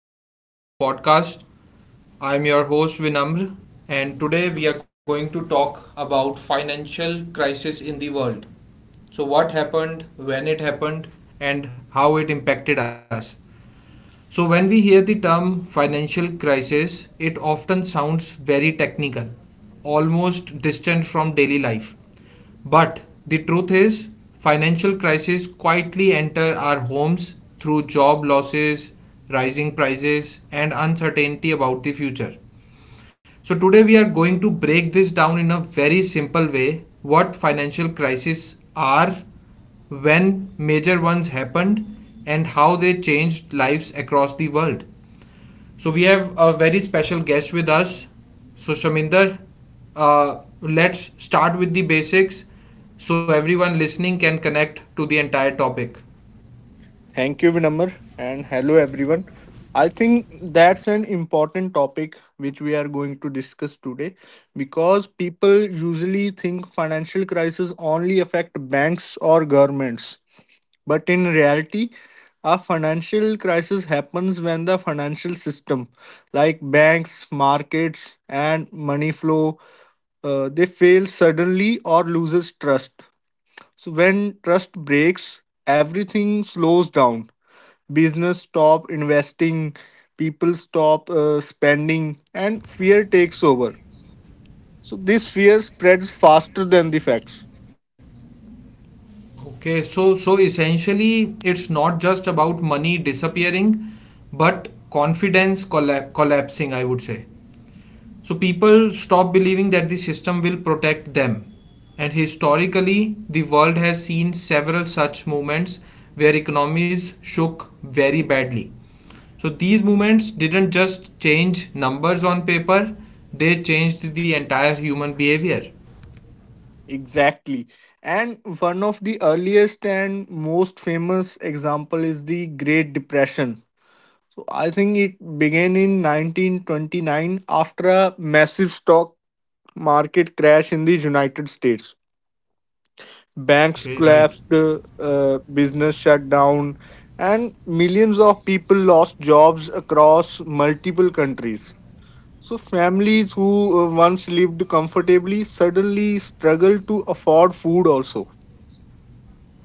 to the today's podcast. I'm your host Vinamr and today we are going to talk about financial crisis in the world. So what happened, when it happened and how it impacted us. So, when we hear the term financial crisis, it often sounds very technical, almost distant from daily life. But the truth is, financial crises quietly enter our homes through job losses, rising prices, and uncertainty about the future. So today we are going to break this down in a very simple way what financial crises are, when major ones happened and how they changed lives across the world. So we have a very special guest with us. So Shaminder, let's start with the basics so everyone listening can connect to the entire topic. Thank you, Vinamr, and hello, everyone. I think that's an important topic which we are going to discuss today because people usually think financial crises only affect banks or governments. But in reality, a financial crisis happens when the financial system, like banks, markets, and money flow, they fail suddenly or loses trust. So when trust breaks, everything slows down, business stop investing, people stop spending, and fear takes over. So this fear spreads faster than the facts. Okay, so essentially it's not just about money disappearing, but confidence collapsing, I would say. So people stop believing that the system will protect them. And historically, the world has seen several such movements where economies shook very badly. So these movements didn't just change numbers on paper, they changed the entire human behavior. Exactly. And one of the earliest and most famous example is the Great Depression. So I think it began in 1929 after a massive stock market crash in the United States. Banks Okay, right. collapsed, business shut down, and millions of people lost jobs across multiple countries. So families who once lived comfortably suddenly struggle to afford food, also.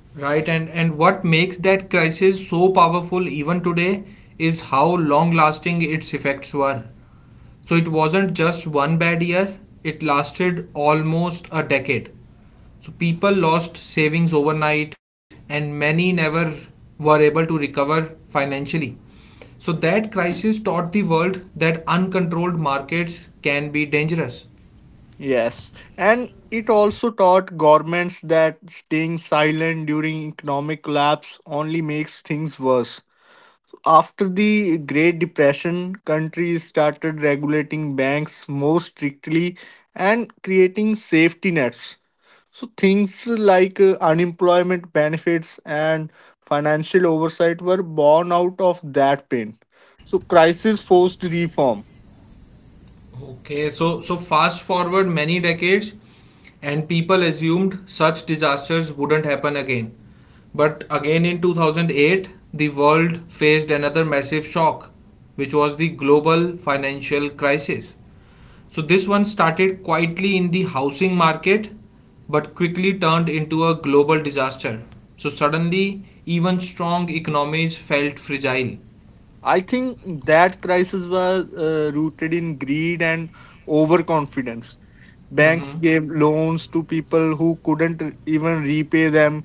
Right, and what makes that crisis so powerful even today is how long lasting its effects were. So it wasn't just one bad year, it lasted almost a decade. So people lost savings overnight, and many never were able to recover financially. So that crisis taught the world that uncontrolled markets can be dangerous. Yes, and it also taught governments that staying silent during economic collapse only makes things worse. After the Great Depression, countries started regulating banks more strictly and creating safety nets. So things like unemployment benefits and financial oversight were born out of that pain. So crisis forced reform. Okay, so fast forward many decades, and people assumed such disasters wouldn't happen again. But again in 2008, the world faced another massive shock, which was the global financial crisis. So this one started quietly in the housing market, but quickly turned into a global disaster. So suddenly, even strong economies felt fragile. I think that crisis was rooted in greed and overconfidence. Banks Mm-hmm. gave loans to people who couldn't even repay them,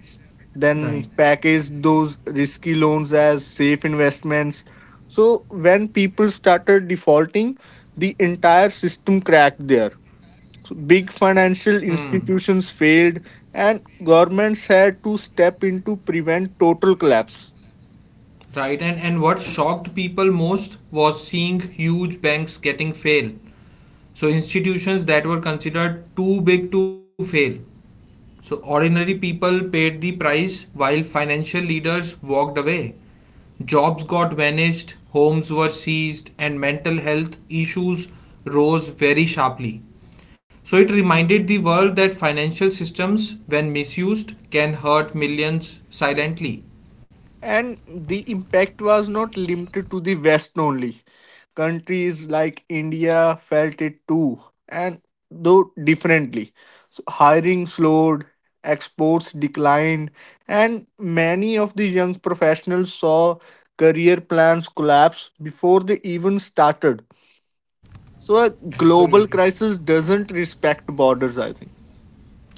then Right. package those risky loans as safe investments. So when people started defaulting, the entire system cracked there. So big financial Hmm. institutions failed, and governments had to step in to prevent total collapse. Right, and what shocked people most was seeing huge banks getting fail. So institutions that were considered too big to fail. So ordinary people paid the price while financial leaders walked away. Jobs got vanished, homes were seized, and mental health issues rose very sharply. So it reminded the world that financial systems, when misused, can hurt millions silently. And the impact was not limited to the West only. Countries like India felt it too, and though differently. So hiring slowed, exports declined, and many of the young professionals saw career plans collapse before they even started. So a global Absolutely. crisis doesn't respect borders, I think.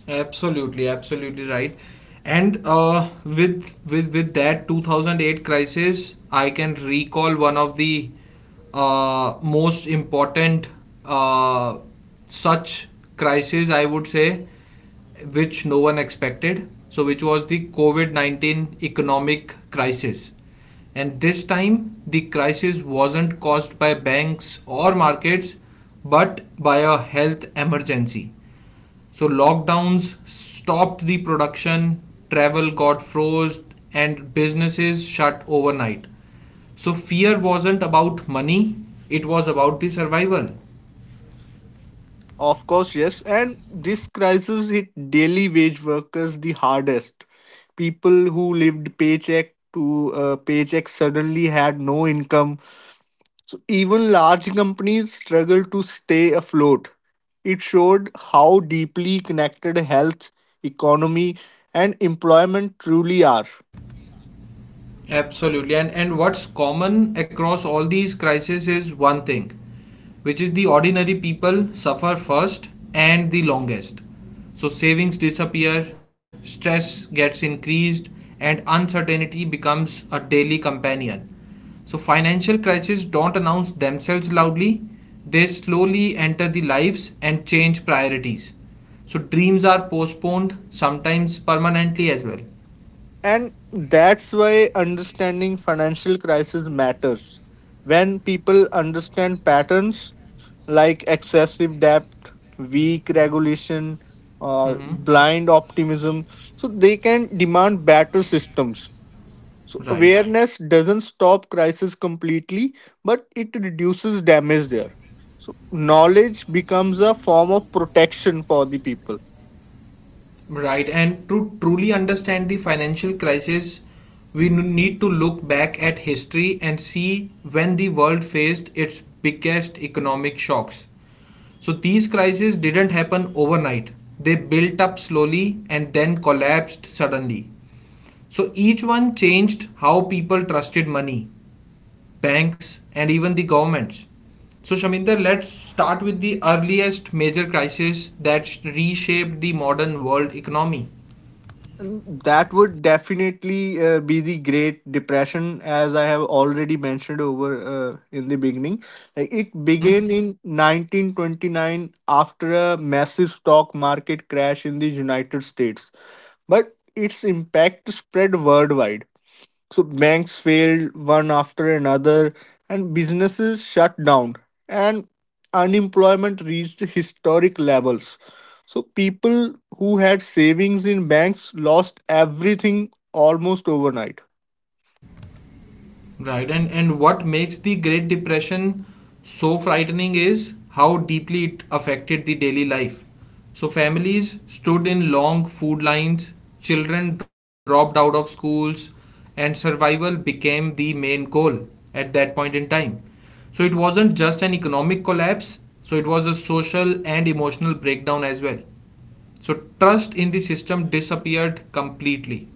Absolutely, absolutely right. And with that 2008 crisis, I can recall one of the most important uh, such crisis I would say, which no one expected. So, which was the COVID-19 economic crisis. And this time, the crisis wasn't caused by banks or markets, but by a health emergency so lockdowns stopped the production, travel got froze, and businesses shut overnight. So fear wasn't about money, it was about the survival. Of course, yes, and this crisis hit daily wage workers the hardest. People who lived paycheck to paycheck suddenly had no income. So even large companies struggle to stay afloat. It showed how deeply connected health, economy, and employment truly are. Absolutely. And what's common across all these crises is one thing, which is the ordinary people suffer first and the longest. So savings disappear, stress gets increased, and uncertainty becomes a daily companion. So financial crises don't announce themselves loudly. They slowly enter the lives and change priorities. So dreams are postponed, sometimes permanently as well. And that's why understanding financial crisis matters. When people understand patterns like excessive debt, weak regulation, or Hmm. blind optimism, so they can demand better systems. So Right. awareness doesn't stop crisis completely, but it reduces damage there. So knowledge becomes a form of protection for the people. Right, and to truly understand the financial crisis, we need to look back at history and see when the world faced its biggest economic shocks. So, these crises didn't happen overnight, they built up slowly and then collapsed suddenly. So, each one changed how people trusted money, banks, and even the governments. So, Shaminder, let's start with the earliest major crisis that reshaped the modern world economy. And that would definitely be the Great Depression, as I have already mentioned over in the beginning. Like it began Mm-hmm. in 1929 after a massive stock market crash in the United States, but its impact spread worldwide. So banks failed one after another, and businesses shut down, and unemployment reached historic levels. So people who had savings in banks lost everything almost overnight. Right. And what makes the Great Depression so frightening is how deeply it affected the daily life. So families stood in long food lines, children dropped out of schools, and survival became the main goal at that point in time. So it wasn't just an economic collapse, so it was a social and emotional breakdown as well. So trust in the system disappeared completely.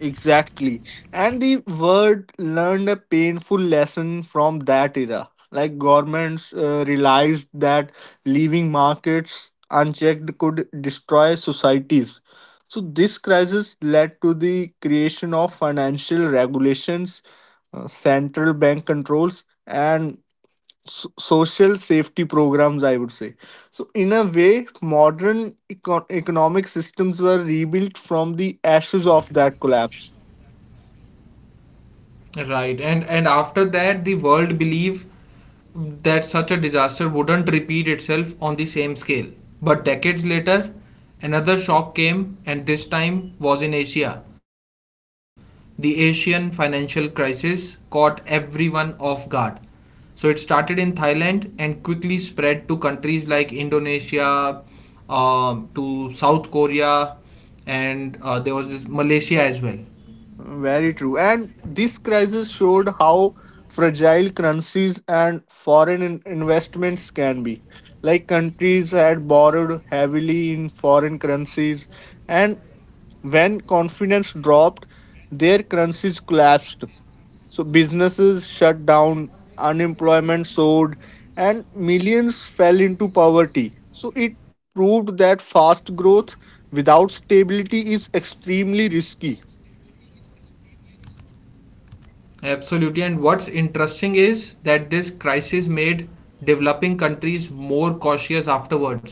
Exactly. And the world learned a painful lesson from that era. Like governments realized that leaving markets unchecked could destroy societies. So this crisis led to the creation of financial regulations, central bank controls, and social safety programs, I would say. So, in a way, modern economic systems were rebuilt from the ashes of that collapse. Right, and after that, the world believe that such a disaster wouldn't repeat itself on the same scale. But decades later, another shock came, and this time was in Asia. The Asian financial crisis caught everyone off guard. So it started in Thailand and quickly spread to countries like Indonesia, to South Korea, and there was this Malaysia as well. Very true. And this crisis showed how fragile currencies and foreign investments can be. Like countries had borrowed heavily in foreign currencies, and when confidence dropped, their currencies collapsed. So businesses shut down, unemployment soared, and millions fell into poverty. So it proved that fast growth without stability is extremely risky. Absolutely. And what's interesting is that this crisis made developing countries more cautious afterwards.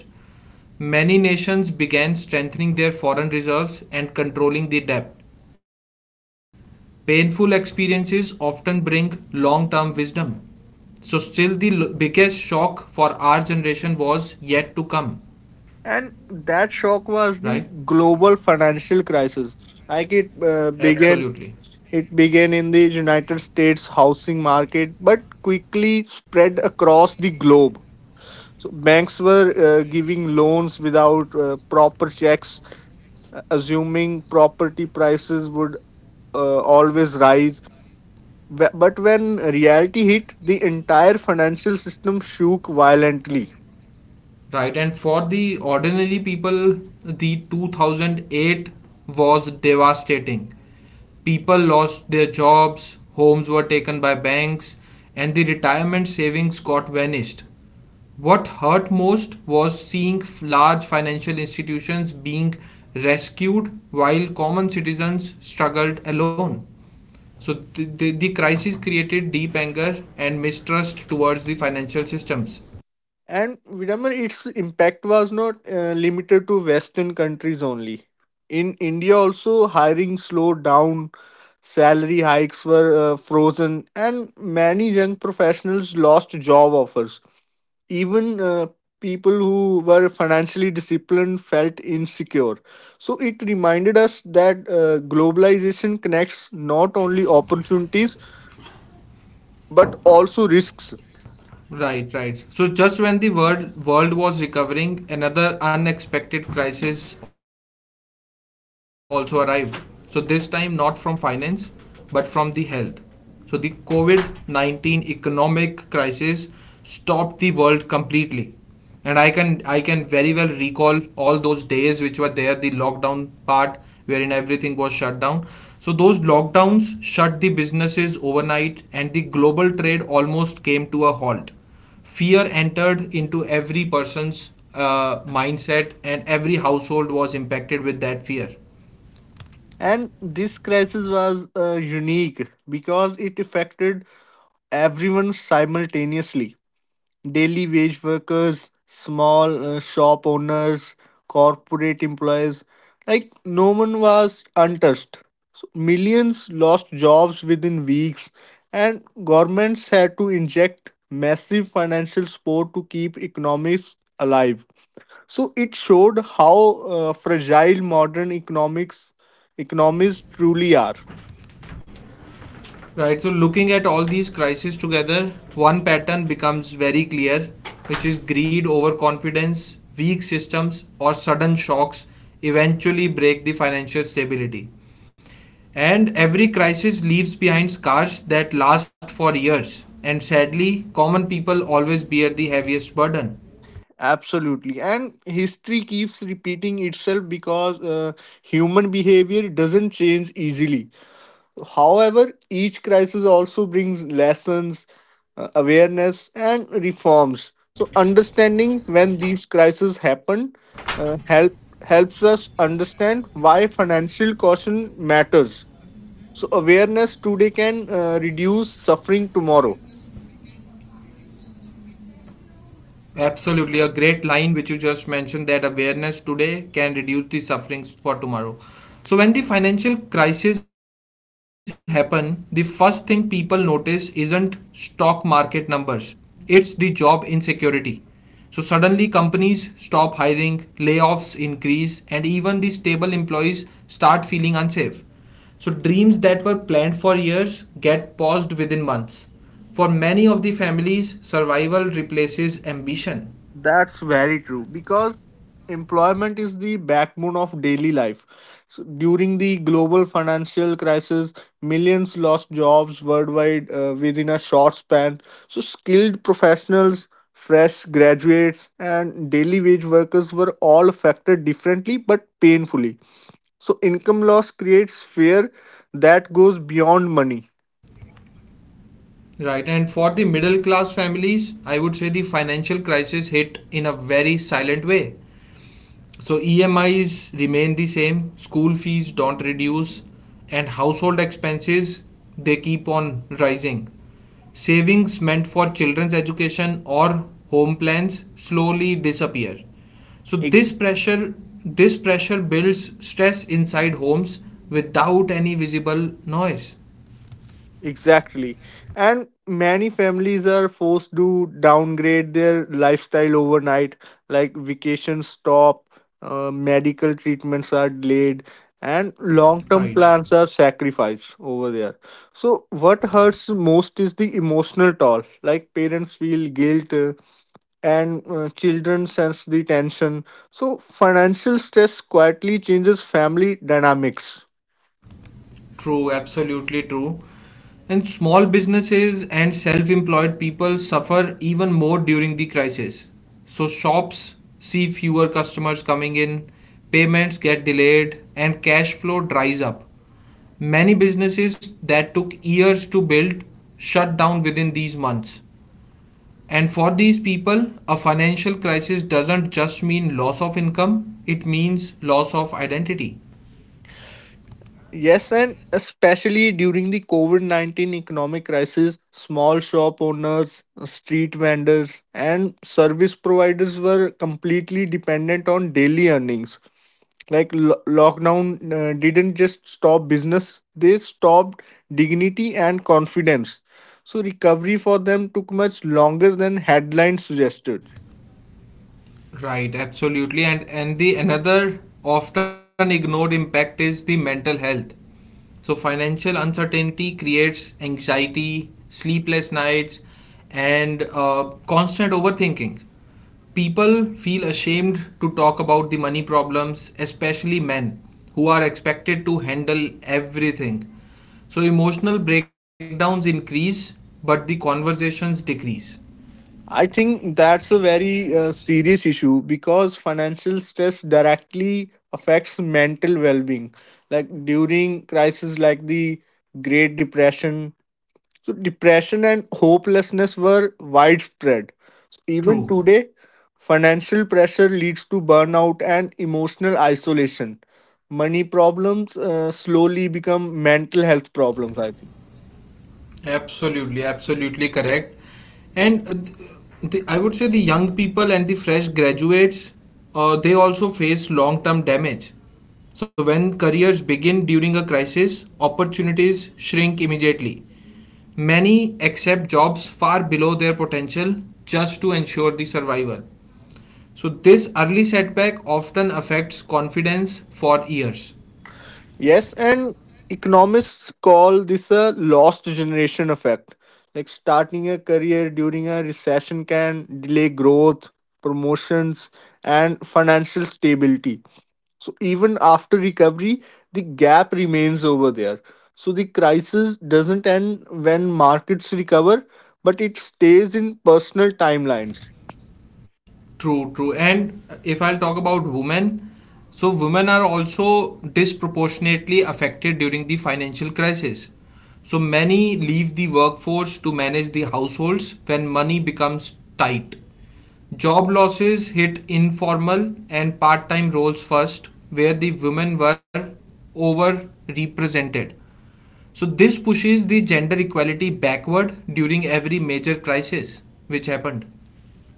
Many nations began strengthening their foreign reserves and controlling the debt. Painful experiences often bring long term wisdom. So, still, the biggest shock for our generation was yet to come, And that shock right? was the global financial crisis. Like Absolutely. it began in the United States housing market but quickly spread across the globe. So banks were giving loans without proper checks, assuming property prices would always rise. But when reality hit, the entire financial system shook violently. Right, and for the ordinary people, the 2008 was devastating. People lost their jobs, homes were taken by banks, and the retirement savings got vanished. What hurt most was seeing large financial institutions being rescued while common citizens struggled alone. So, the crisis created deep anger and mistrust towards the financial systems. And remember, its impact was not limited to Western countries only. In India, also hiring slowed down. Salary hikes were frozen, and many young professionals lost job offers. Even people who were financially disciplined felt insecure. So it reminded us that globalization connects not only opportunities but also risks. Right, right. So just when the world was recovering, another unexpected crisis also arrived. So this time not from finance, but from the health. So the COVID-19 economic crisis stopped the world completely. And I can very well recall all those days which were there, the lockdown part wherein everything was shut down. So those lockdowns shut the businesses overnight and the global trade almost came to a halt. Fear entered into every person's mindset, and every household was impacted with that fear. And this crisis was unique because it affected everyone simultaneously. Daily wage workers, small shop owners, corporate employees. Like no one was untouched. So millions lost jobs within weeks, and governments had to inject massive financial support to keep economics alive. So it showed how fragile modern economics economies truly are. Right, so looking at all these crises together, one pattern becomes very clear, which is greed, overconfidence, weak systems, or sudden shocks eventually break the financial stability. And every crisis leaves behind scars that last for years. And sadly, common people always bear the heaviest burden. Absolutely. And history keeps repeating itself because human behavior doesn't change easily. However, each crisis also brings lessons, awareness, and reforms. So, understanding when these crises happen helps us understand why financial caution matters. So awareness today can reduce suffering tomorrow. Absolutely, a great line which you just mentioned that awareness today can reduce the sufferings for tomorrow. So when the financial crisis happen, the first thing people notice isn't stock market numbers. It's the job insecurity. So suddenly companies stop hiring, layoffs increase and even the stable employees start feeling unsafe. So dreams that were planned for years get paused within months. For many of the families, survival replaces ambition. That's very true because employment is the backbone of daily life. So during the global financial crisis, millions lost jobs worldwide within a short span. So skilled professionals, fresh graduates, and daily wage workers were all affected differently but painfully. So income loss creates fear that goes beyond money. Right, and for the middle class families, I would say the financial crisis hit in a very silent way. So EMIs remain the same, school fees don't reduce, and household expenses they keep on rising. Savings meant for children's education or home plans slowly disappear. So this pressure builds stress inside homes without any visible noise. Exactly. And many families are forced to downgrade their lifestyle overnight, like vacations stop, medical treatments are delayed, and long term Right. plans are sacrificed over there. So what hurts most is the emotional toll. Like, parents feel guilt, and children sense the tension. So financial stress quietly changes family dynamics. True, absolutely true. And small businesses and self employed people suffer even more during the crisis. So, shops see fewer customers coming in, payments get delayed, and cash flow dries up. Many businesses that took years to build shut down within these months. And for these people, a financial crisis doesn't just mean loss of income, it means loss of identity. Yes, and especially during the COVID 19 economic crisis, small shop owners, street vendors, and service providers were completely dependent on daily earnings. Like lockdown didn't just stop business, they stopped dignity and confidence. So recovery for them took much longer than headlines suggested. Right, absolutely. And the another often ignored impact is the mental health. So financial uncertainty creates anxiety, sleepless nights, and constant overthinking. People feel ashamed to talk about the money problems, especially men who are expected to handle everything. So emotional breakdowns increase, but the conversations decrease. I think that's a very serious issue because financial stress directly affects mental well-being. Like during crises like the Great Depression, so depression and hopelessness were widespread. Even True. today, financial pressure leads to burnout and emotional isolation. Money problems slowly become mental health problems, I think. Absolutely, absolutely correct. And I would say the young people and the fresh graduates, they also face long term damage. So, when careers begin during a crisis, opportunities shrink immediately. Many accept jobs far below their potential just to ensure the survival. So, this early setback often affects confidence for years. Yes, and economists call this a lost generation effect. Like starting a career during a recession can delay growth, promotions, and financial stability. So even after recovery, the gap remains over there. So the crisis doesn't end when markets recover, but it stays in personal timelines. True, true. And if I'll talk about women, so women are also disproportionately affected during the financial crisis. So many leave the workforce to manage the households when money becomes tight. Job losses hit informal and part time roles first, where the women were overrepresented. So, this pushes the gender equality backward during every major crisis which happened.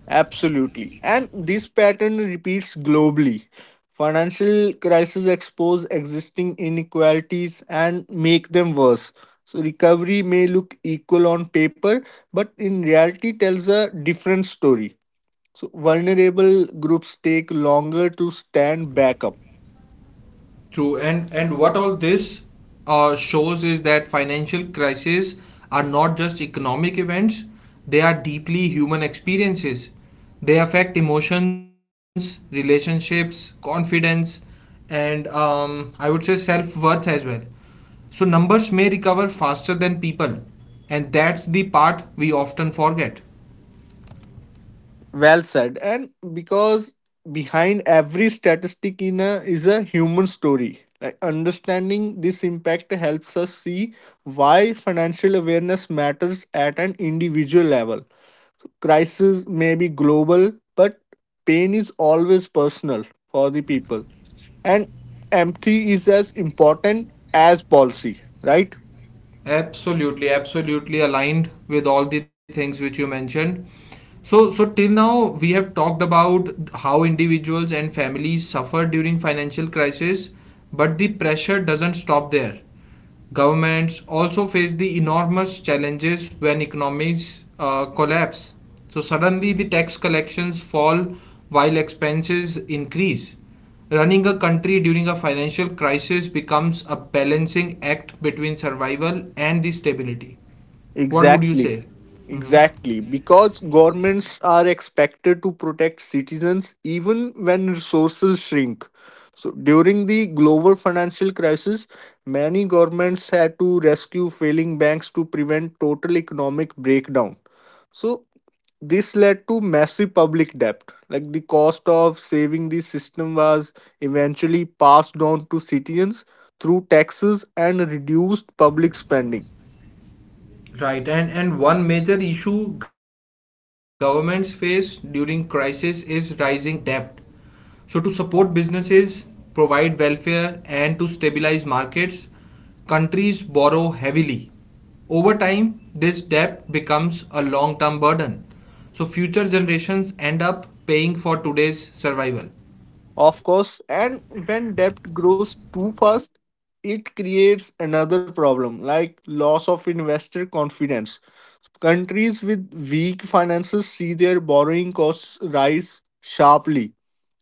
Absolutely. And this pattern repeats globally. Financial crises expose existing inequalities and make them worse. So recovery may look equal on paper, but in reality tells a different story. So vulnerable groups take longer to stand back up. True, and what all this shows is that financial crises are not just economic events; they are deeply human experiences. They affect emotions, relationships, confidence, and I would say self worth as well. So numbers may recover faster than people, and that's the part we often forget. Well said. And because behind every statistic in a, is a human story. Like understanding this impact helps us see why financial awareness matters at an individual level. So crisis may be global, but pain is always personal for the people. And empathy is as important as policy, right? Absolutely, absolutely aligned with all the things which you mentioned. So, till now we have talked about how individuals and families suffer during financial crisis, but the pressure doesn't stop there. Governments also face the enormous challenges when economies collapse. So suddenly the tax collections fall while expenses increase. Running a country during a financial crisis becomes a balancing act between survival and the stability. What would you Exactly. say? Exactly, because governments are expected to protect citizens even when resources shrink. So during the global financial crisis, many governments had to rescue failing banks to prevent total economic breakdown. So this led to massive public debt. Like the cost of saving the system was eventually passed on to citizens through taxes and reduced public spending. Right, and one major issue governments face during crisis is rising debt. So to support businesses, provide welfare and to stabilize markets, countries borrow heavily. Over time, this debt becomes a long-term burden. So future generations end up paying for today's survival. Of course, and when debt grows too fast, it creates another problem like loss of investor confidence. Countries with weak finances see their borrowing costs rise sharply.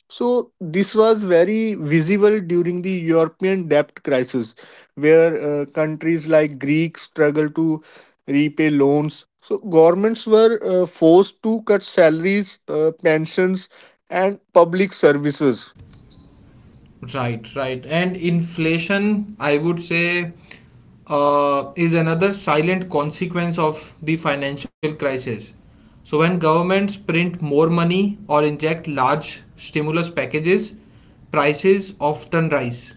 So this was very visible during the European debt crisis, where countries like Greece struggled to repay loans. So governments were forced to cut salaries, pensions, and public services. Right, right. And inflation, I would say, is another silent consequence of the financial crisis. So, when governments print more money or inject large stimulus packages, prices often rise.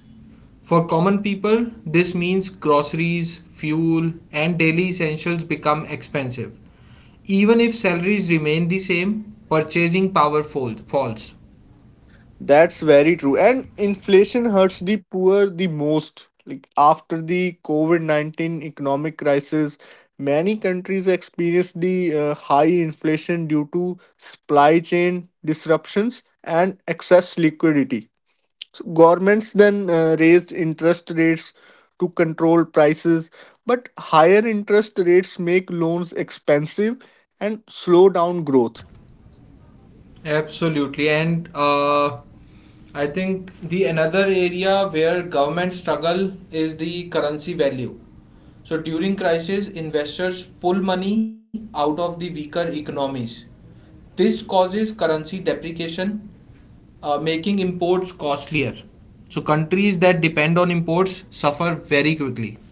For common people, this means groceries, fuel, and daily essentials become expensive. Even if salaries remain the same, purchasing power falls. That's very true. And inflation hurts the poor the most. Like after the COVID 19 economic crisis, many countries experienced the high inflation due to supply chain disruptions and excess liquidity. So governments then raised interest rates to control prices, but higher interest rates make loans expensive and slow down growth. Absolutely, and I think the another area where government struggle is the currency value. So during crisis, investors pull money out of the weaker economies. This causes currency depreciation, making imports costlier. So countries that depend on imports suffer very quickly.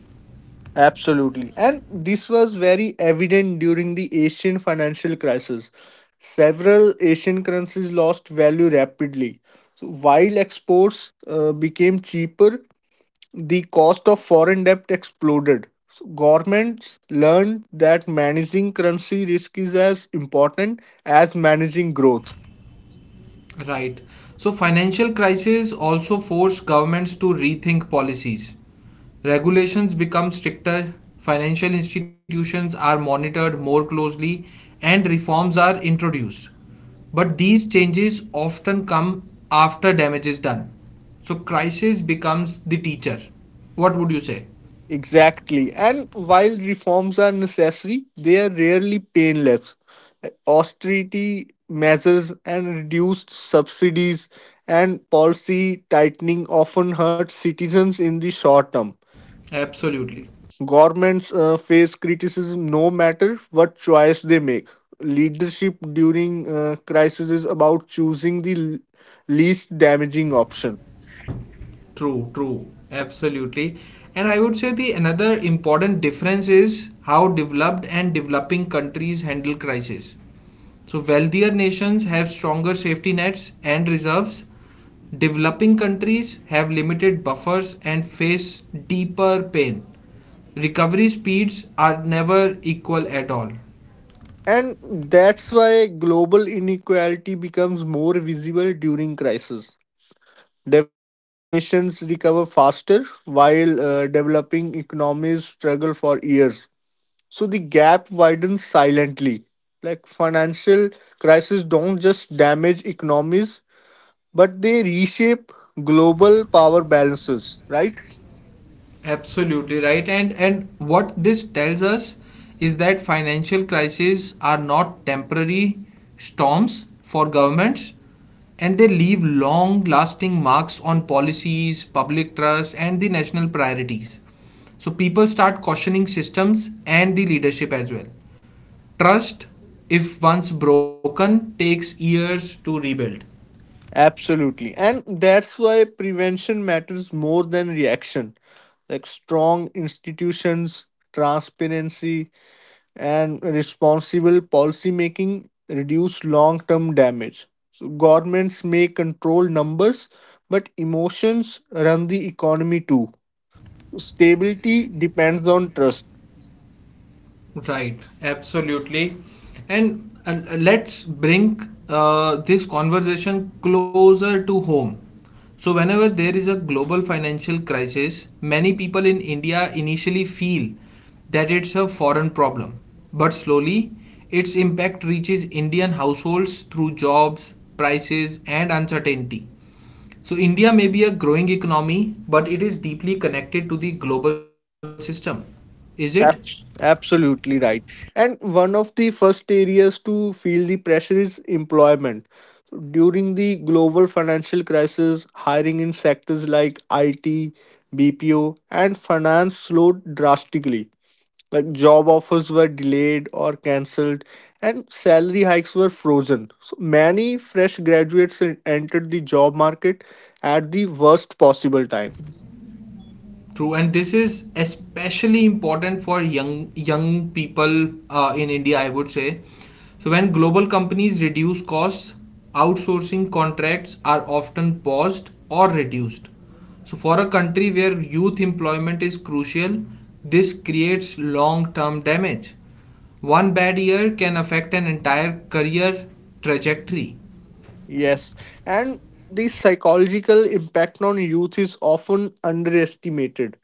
Absolutely. And this was very evident during the Asian financial crisis. Several Asian currencies lost value rapidly. So while exports became cheaper, the cost of foreign debt exploded. So governments learned that managing currency risk is as important as managing growth. Right. So financial crisis also forced governments to rethink policies. Regulations become stricter, financial institutions are monitored more closely, and reforms are introduced. But these changes often come after damage is done. So crisis becomes the teacher. What would you say? Exactly. And while reforms are necessary, they are rarely painless. Austerity measures and reduced subsidies and policy tightening often hurt citizens in the short term. Absolutely. Governments face criticism no matter what choice they make. Leadership during crisis is about choosing the least damaging option. True, absolutely. And I would say the another important difference is how developed and developing countries handle crisis. So wealthier nations have stronger safety nets and reserves. Developing countries have limited buffers and face deeper pain. Recovery speeds are never equal at all. And that's why global inequality becomes more visible during crisis. Developed nations recover faster, while developing economies struggle for years. So the gap widens silently. Like financial crises don't just damage economies, but they reshape global power balances, right? Absolutely right. And what this tells us is that financial crises are not temporary storms for governments and they leave long-lasting marks on policies, public trust and the national priorities. So people start questioning systems and the leadership as well. Trust, if once broken, takes years to rebuild. Absolutely. And that's why prevention matters more than reaction, like strong institutions, transparency, and responsible policy making reduce long term damage. So governments may control numbers, but emotions run the economy too. So stability depends on trust. Right, absolutely. And let's bring this conversation closer to home. So, whenever there is a global financial crisis, many people in India initially feel that it's a foreign problem. But slowly, its impact reaches Indian households through jobs, prices, and uncertainty. So, India may be a growing economy, but it is deeply connected to the global system. Is it? Ab- Absolutely right. And one of the first areas to feel the pressure is employment. So during the global financial crisis, hiring in sectors like IT, BPO, and finance slowed drastically. Like job offers were delayed or cancelled, and salary hikes were frozen. So many fresh graduates entered the job market at the worst possible time. True, and this is especially important for young people in India, I would say. So when global companies reduce costs, outsourcing contracts are often paused or reduced. So for a country where youth employment is crucial, this creates long-term damage. One bad year can affect an entire career trajectory. Yes, and the psychological impact on youth is often underestimated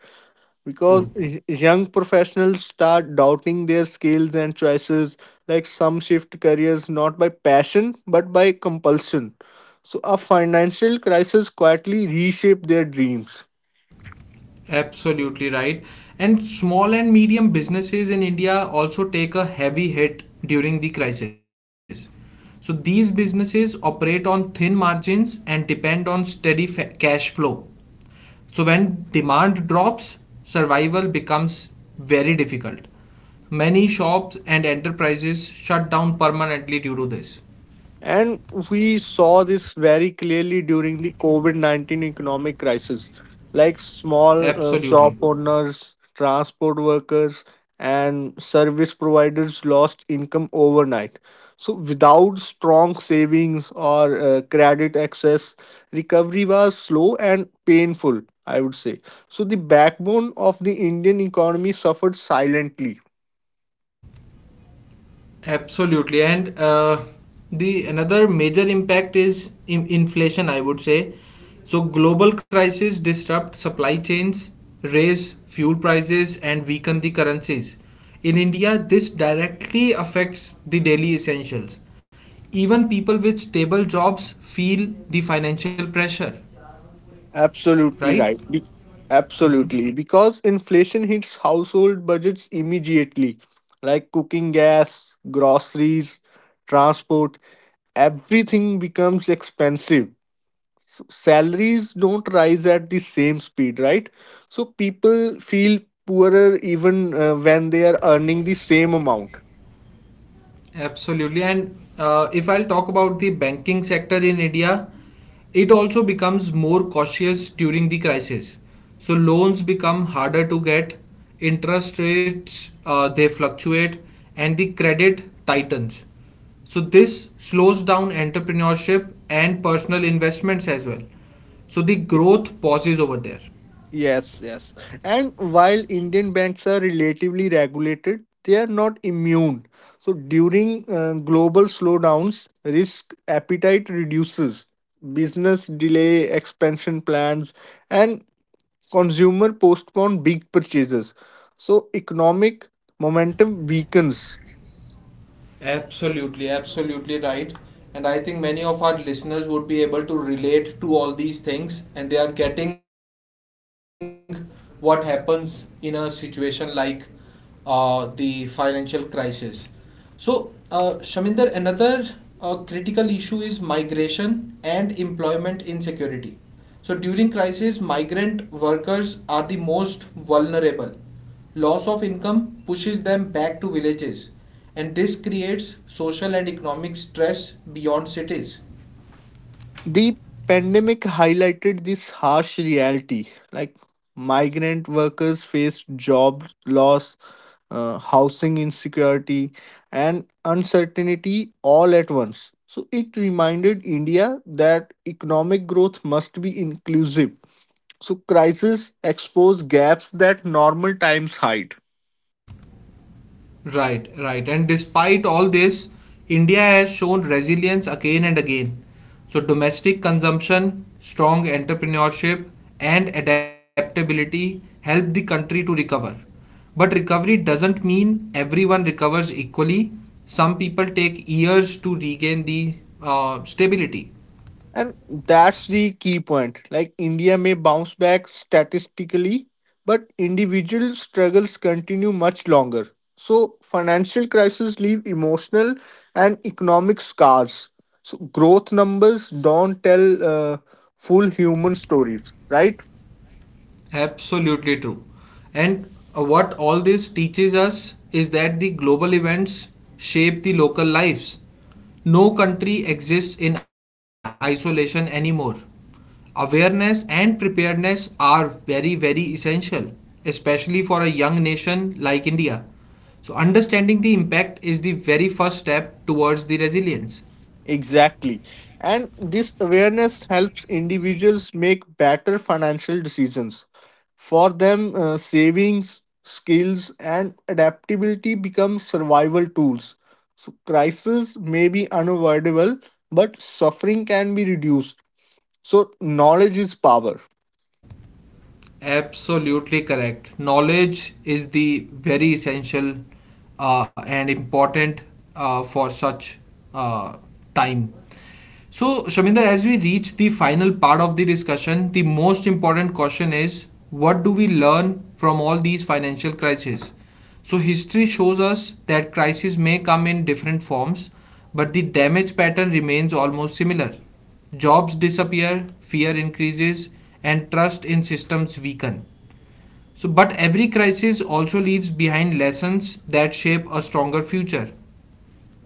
because True. Young professionals start doubting their skills and choices. Like some shift careers not by passion but by compulsion. So, a financial crisis quietly reshape their dreams. Absolutely right. And small and medium businesses in India also take a heavy hit during the crisis. So these businesses operate on thin margins and depend on steady cash flow. So when demand drops, survival becomes very difficult. Many shops and enterprises shut down permanently due to this. And we saw this very clearly during the COVID COVID-19 economic crisis. Like small Absolutely. shop owners, transport workers, and service providers lost income overnight. So, without strong savings or credit access, recovery was slow and painful, I would say. So, the backbone of the Indian economy suffered silently. Absolutely, and the another major impact is in inflation, I would say. So global crises disrupt supply chains, raise fuel prices, and weaken the currencies. In India, this directly affects the daily essentials. Even people with stable jobs feel the financial pressure, Absolutely right? right. Absolutely. Because inflation hits household budgets immediately, like cooking gas, groceries, transport, everything becoms expensive. Salaries don't rise at the same speed, right? So people feel poorer even when they are earning the same amount. Absolutely. And if I'll talk about the banking sector in India, it also becomes more cautious during the crisis. So loans become harder to get, interest rates they fluctuate, and the credit tightens. So this slows down entrepreneurship and personal investments as well. So the growth pauses over there. Yes, yes. And while Indian banks are relatively regulated, they are not immune. So during global slowdowns, risk appetite reduces. Business delay expansion plans and consumer postpone big purchases. So economic momentum weakens. Absolutely, absolutely right. And I think many of our listeners would be able to relate to all these things, and they are getting what happens in a situation like the financial crisis. So, Shaminder, another critical issue is migration and employment insecurity. So during crisis, migrant workers are the most vulnerable. Loss of income pushes them back to villages, and this creates social and economic stress beyond cities. The pandemic highlighted this harsh reality. Like migrant workers face job loss, housing insecurity, and uncertainty all at once. So it reminded India that economic growth must be inclusive. So crises expose gaps that normal times hide. Right, right. And despite all this, India has shown resilience again and again. So, domestic consumption, strong entrepreneurship, and adaptability help the country to recover. But recovery doesn't mean everyone recovers equally. Some people take years to regain the stability. And that's the key point. Like India may bounce back statistically, but individual struggles continue much longer. So financial crises leave emotional and economic scars. So growth numbers don't tell full human stories, right? Absolutely true. And what all this teaches us is that the global events shape the local lives. No country exists in isolation anymore. Awareness and preparedness are very, very essential, especially for a young nation like India. So, understanding the impact is the very first step towards the resilience. Exactly. And this awareness helps individuals make better financial decisions. For them, savings, skills, and adaptability become survival tools. So, crisis may be unavoidable, but suffering can be reduced. So, knowledge is power. Absolutely correct. Knowledge is the very essential and important for such uh, time. So, Shaminder, as we reach the final part of the discussion, the most important question is what do we learn from all these financial crises? So, history shows us that crises may come in different forms, but the damage pattern remains almost similar. Jobs disappear, fear increases, and trust in systems weaken. So, but every crisis also leaves behind lessons that shape a stronger future.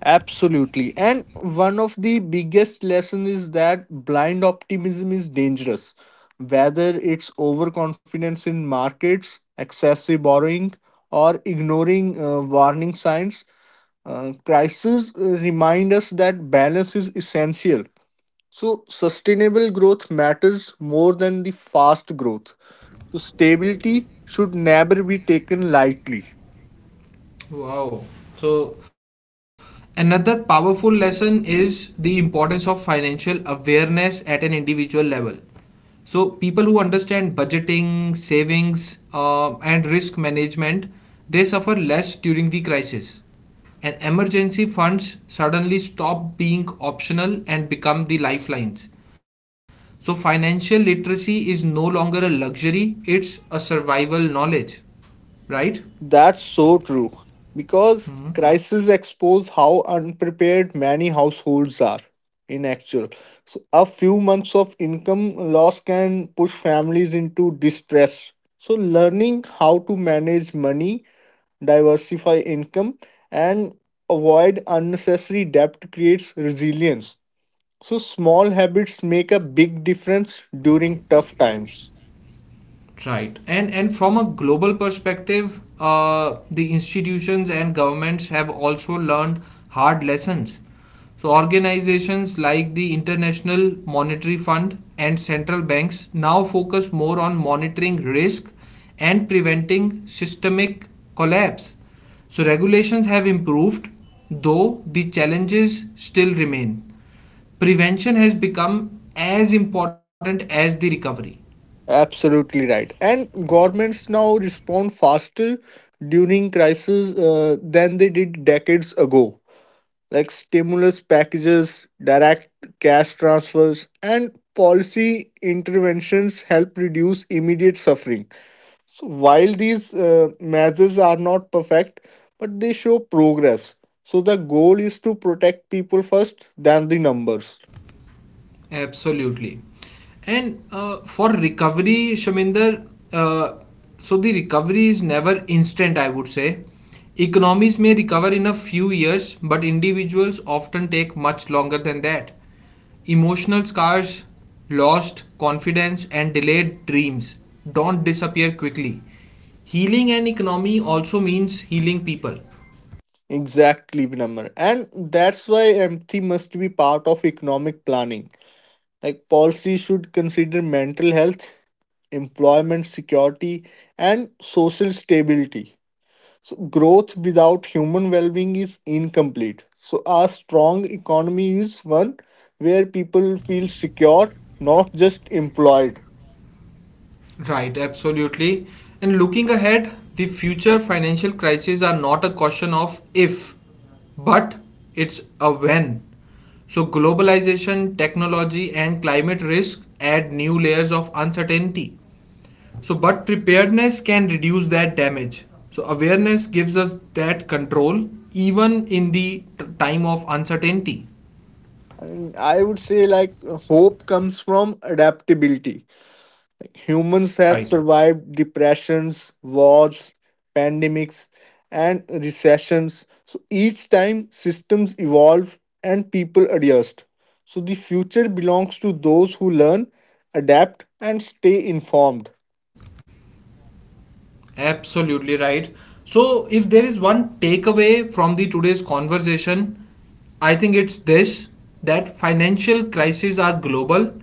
Absolutely. And one of the biggest lesson is that blind optimism is dangerous. Whether it's overconfidence in markets, excessive borrowing, or ignoring warning signs, crises remind us that balance is essential. So, sustainable growth matters more than the fast growth. So, stability should never be taken lightly. Wow. So, another powerful lesson is the importance of financial awareness at an individual level. So, people who understand budgeting, savings, and risk management, they suffer less during the crisis. And emergency funds suddenly stop being optional and become the lifelines. So, financial literacy is no longer a luxury, it's a survival knowledge, right? That's so true. Because crises expose how unprepared many households are in actual. So a few months of income loss can push families into distress. So learning how to manage money, diversify income and avoid unnecessary debt creates resilience. So small habits make a big difference during tough times. Right. And from a global perspective, the institutions and governments have also learned hard lessons. So organizations like the International Monetary Fund and central banks now focus more on monitoring risk and preventing systemic collapse. So regulations have improved, though the challenges still remain. Prevention has become as important as the recovery. Absolutely right. And governments now respond faster during crises than they did decades ago. Like stimulus packages, direct cash transfers, and policy interventions help reduce immediate suffering. So while these measures are not perfect, but they show progress. So the goal is to protect people first, than the numbers. Absolutely. And for recovery, Shaminder, uh, so the recovery is never instant, I would say. Economies may recover in a few years, but individuals often take much longer than that. Emotional scars, lost confidence, and delayed dreams don't disappear quickly. Healing an economy also means healing people. Exactly, Vinamr. And that's why empathy must be part of economic planning. Like policy should consider mental health, employment security, and social stability. So growth without human well-being is incomplete. So a strong economy is one where people feel secure, not just employed. Right, absolutely. And looking ahead, the future financial crises are not a question of if, but it's a when. So, globalization, technology, and climate risk add new layers of uncertainty. So, but preparedness can reduce that damage. So, awareness gives us that control even in the time of uncertainty. And I would say like hope comes from adaptability. Humans have Right. survived depressions, wars, pandemics, and recessions. So each time systems evolve and people adjust. So the future belongs to those who learn, adapt, and stay informed. Absolutely right. So, if there is one takeaway from the today's conversation, I think it's this, that financial crises are global,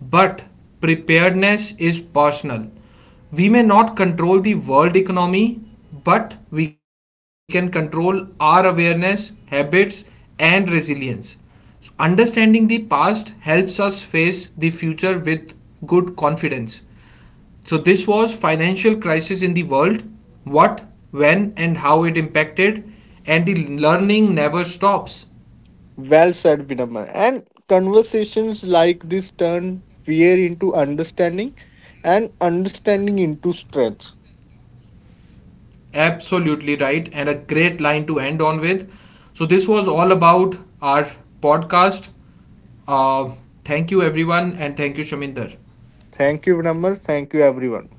but preparedness is personal. We may not control the world economy, but we can control our awareness, habits, and resilience. So understanding the past helps us face the future with good confidence. So this was financial crisis in the world, what, when and how it impacted, and the learning never stops. Well said, Vinamra. And conversations like this turn fear into understanding and understanding into strength. Absolutely right, and a great line to end on with. So this was all about our podcast. Uh, thank you everyone and thank you Shaminder. Thank you, Vinamra. Thank you, everyone.